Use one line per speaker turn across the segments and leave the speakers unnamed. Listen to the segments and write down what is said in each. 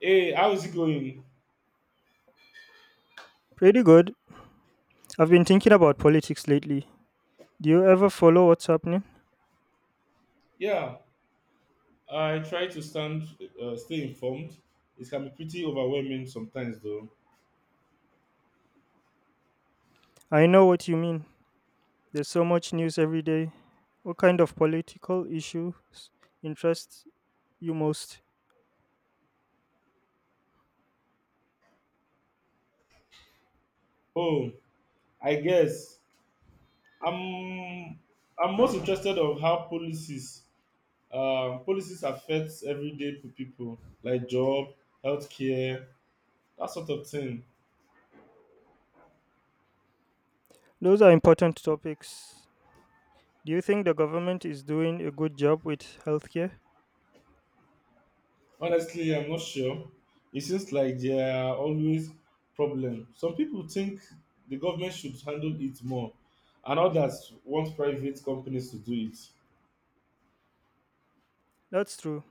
Hey, how is it going?
Pretty good. I've been thinking about politics lately. Do you ever follow what's happening?
Yeah, I try to stand, stay informed. It can be pretty overwhelming sometimes, though.
I know what you mean. There's so much news every day. What kind of political issues interest you most?
Oh, I guess I'm I'm most interested of how policies affects everyday people, like job, healthcare, that sort of thing.
Those are important topics. Do you think the government is doing a good job with healthcare?
Honestly, I'm not sure. It seems like there are always problems. Some people think the government should handle it more, and others want private companies to do it.
That's true.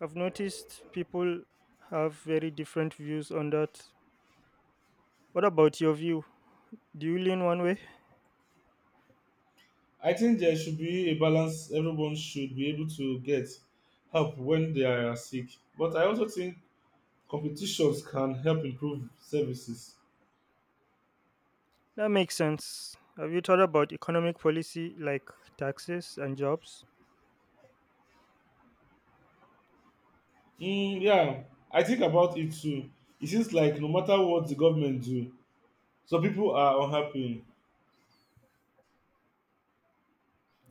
I've noticed people have very different views on that. What about your view? Do you lean one way?
I think there should be a balance. Everyone should be able to get help when they are sick. But I also think competitions can help improve services.
That makes sense. Have you thought about economic policy like taxes and jobs?
Mm, yeah, I think about it too. It seems like no matter what the government do, some people are unhappy.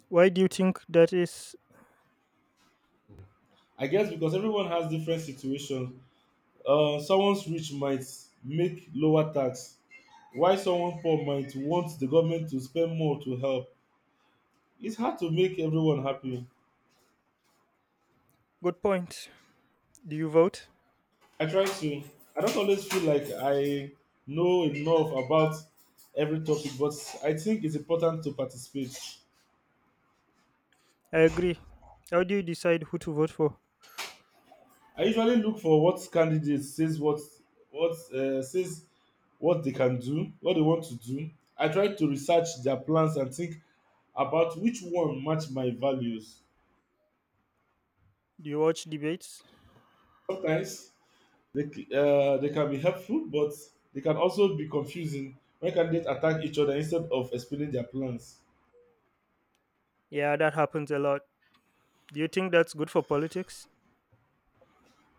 Why do you think that is?
I guess because everyone has different situations, someone's rich might make lower tax, while someone poor might want the government to spend more to help. It's hard to make everyone happy.
Good point. Do you vote?
I try to. I don't always feel like I know enough about every topic, but I think it's important to participate.
I agree. How do you decide who to vote for?
I usually look for what candidate says what, says what they can do, what they want to do. I try to research their plans and think about which one match my values.
Do you watch debates?
Sometimes. They can be helpful, but they can also be confusing when candidates attack each other instead of explaining their plans.
Yeah, that happens a lot. Do you think that's good for politics?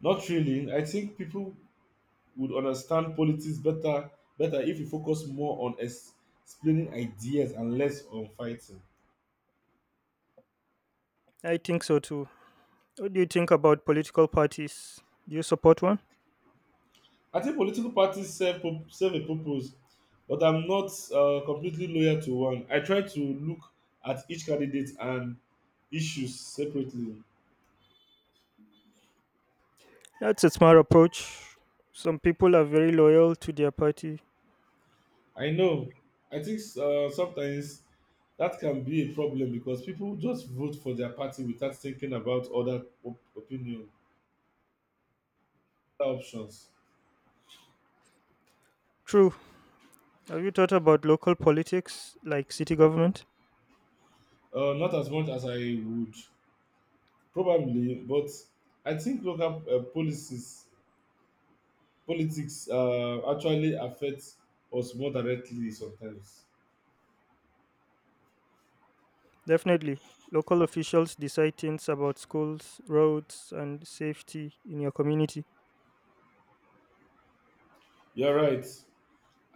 Not really. I think people would understand politics better if we focus more on explaining ideas and less on fighting.
I think so too. What do you think about political parties? Do you support one?
I think political parties serve a purpose, but I'm not completely loyal to one. I try to look at each candidate and issues separately.
That's a smart approach. Some people are very loyal to their party.
I know. I think sometimes that can be a problem because people just vote for their party without thinking about other opinion, other options.
True. Have you thought about local politics, like city government?
Not as much as I would probably, but I think local politics actually affect us more directly sometimes.
Definitely. Local officials decide things about schools, roads, and safety in your community.
You're right.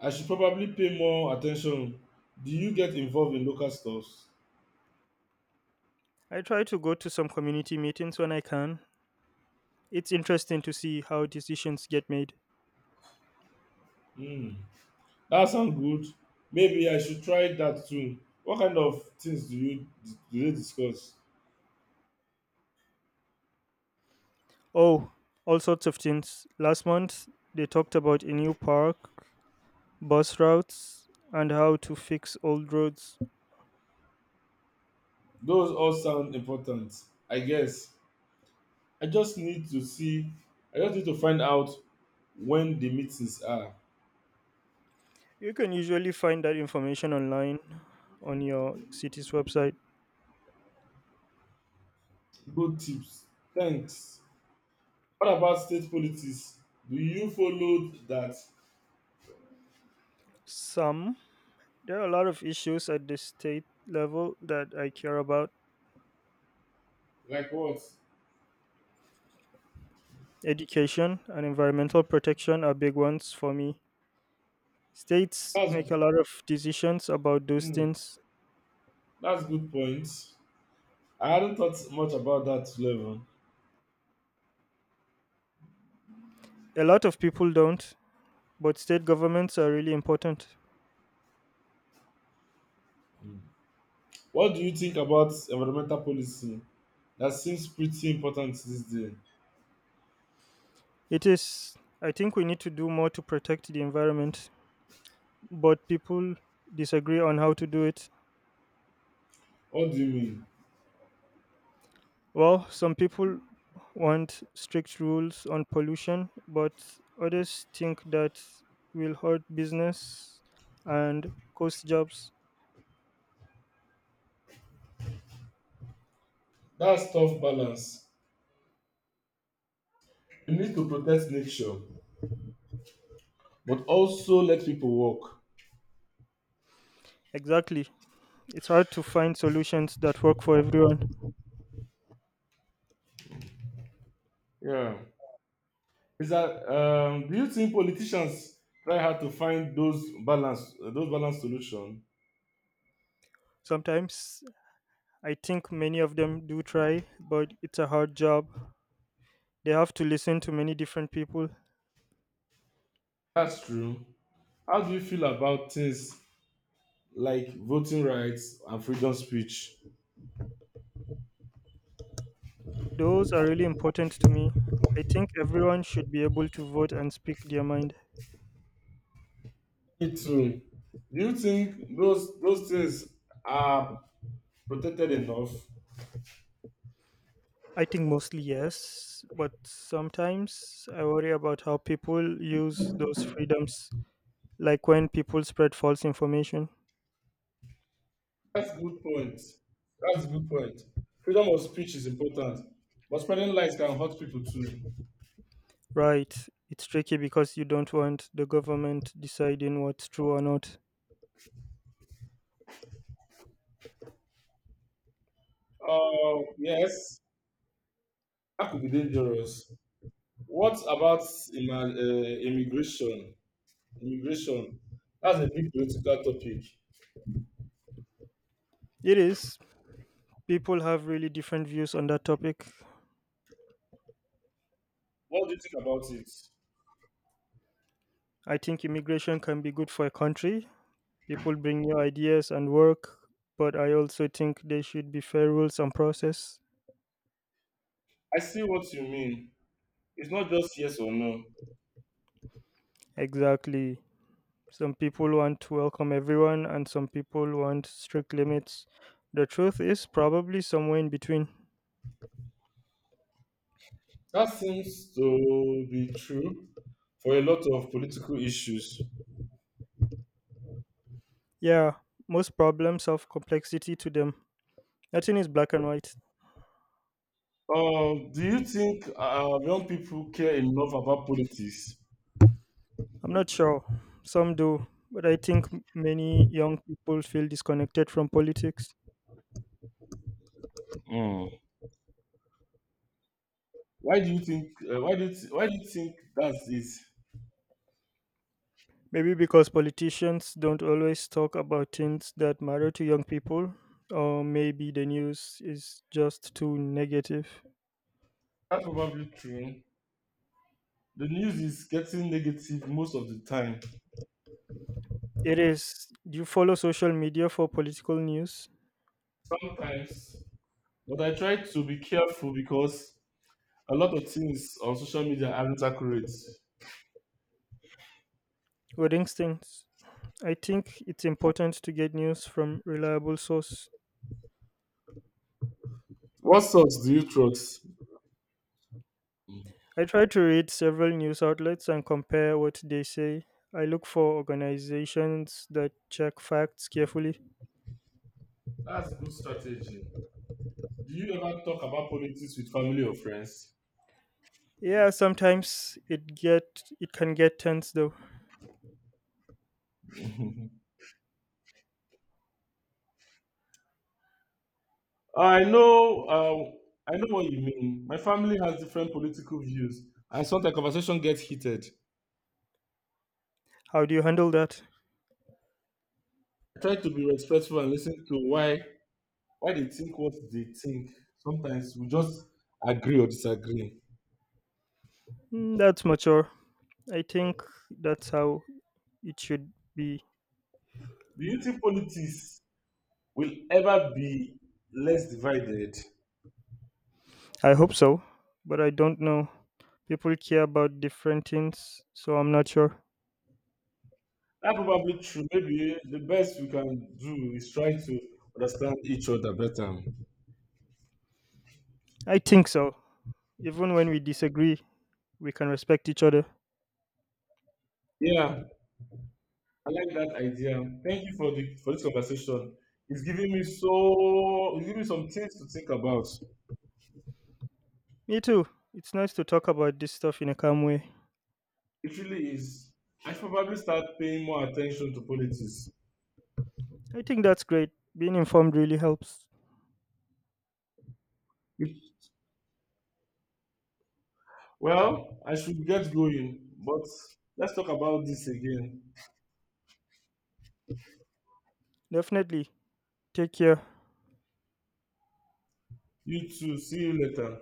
I should probably pay more attention. Do you get involved in local stuffs?
I try to go to some community meetings when I can. It's interesting to see how decisions get made.
Hmm. That sounds good. Maybe I should try that too. What kind of things do you do they discuss?
Oh, all sorts of things. Last month, they talked about a new park, bus routes, and how to fix old roads.
Those all sound important, I guess. I just need to see I just need to find out when the meetings are.
You can usually find that information online on your city's website.
Good tips. Thanks. What about state politics? Do you follow that?
Some, there are a lot of issues at the state level that I care about.
Like what?
Education and environmental protection are big ones for me. States
That's,
make a lot of decisions about those
mm,
things.
that's good point. I hadn't thought much about that level.
A lot of people don't, but state governments are really important.
What do you think about environmental policy? That seems pretty important these days.
It is, I think we need to do more to protect the environment, but people disagree on how to do it.
What do you mean?
Well, some people want strict rules on pollution, but others think that will hurt business and cost jobs.
That's tough balance. You need to protect nature, but also let people work.
Exactly. It's hard to find solutions that work for everyone.
Yeah. Is that, do you think politicians try hard to find those balance those balance solution?
Sometimes I think many of them do try, but it's a hard job. They have to listen to many different people.
That's true. How do you feel about things like voting rights and freedom speech?
Those are really important to me. I think everyone should be able to vote and speak their mind.
Me too. Do you think those things are protected enough?
I think mostly yes, but sometimes I worry about how people use those freedoms, like when people spread false information.
That's a good point. That's a good point. Freedom of speech is important, but spreading lies can hurt people too.
Right, it's tricky because you don't want the government deciding what's true or not.
Yes, that could be dangerous. What about immigration. Immigration. That's a big political topic.
It is. People have really different views on that topic.
What do you think about it?
I think immigration can be good for a country. People bring new ideas and work, but I also think there should be fair rules and process.
I see what you mean. It's not just yes or no.
Exactly. Some people want to welcome everyone, and some people want strict limits. The truth is probably somewhere in between.
That seems to be true for a lot of political issues.
Yeah, most problems have complexity to them. Nothing is black and white.
Do you think young people care enough about politics?
I'm not sure. Some do, but I think many young people feel disconnected from politics.
Hmm. Why do you think? Why do you th- Why do you think that's it?
Maybe because politicians don't always talk about things that matter to young people, or maybe the news is just too negative.
That's probably true. The news is getting negative most of the time.
It is. Do you follow social media for political news?
Sometimes, but I try to be careful because a lot of things on social media aren't accurate.
Or instincts? I think it's important to get news from reliable source.
What source do you trust?
I try to read several news outlets and compare what they say. I look for organizations that check facts carefully.
That's a good strategy. Do you ever talk about politics with family or friends?
Yeah, sometimes it can get tense though.
I know what you mean. My family has different political views, and sometimes conversation gets heated.
How do you handle that?
I try to be respectful and listen to why they think what they think. Sometimes we just agree or disagree.
That's mature. I think that's how it should be.
Do you think politics will ever be less divided?
I hope so, but I don't know. People care about different things, so I'm not sure.
That's probably true. Maybe the best we can do is try to understand each other better.
I think so. Even when we disagree, we can respect each other.
Yeah, I like that idea. Thank you for the for this conversation. It's giving me some things to think about.
Me too. It's nice to talk about this stuff in a calm way.
It really is. I should probably start paying more attention to politics.
I think that's great. Being informed really helps.
Well, I should get going, but let's talk about this again.
Definitely. Take care.
You too. See you later.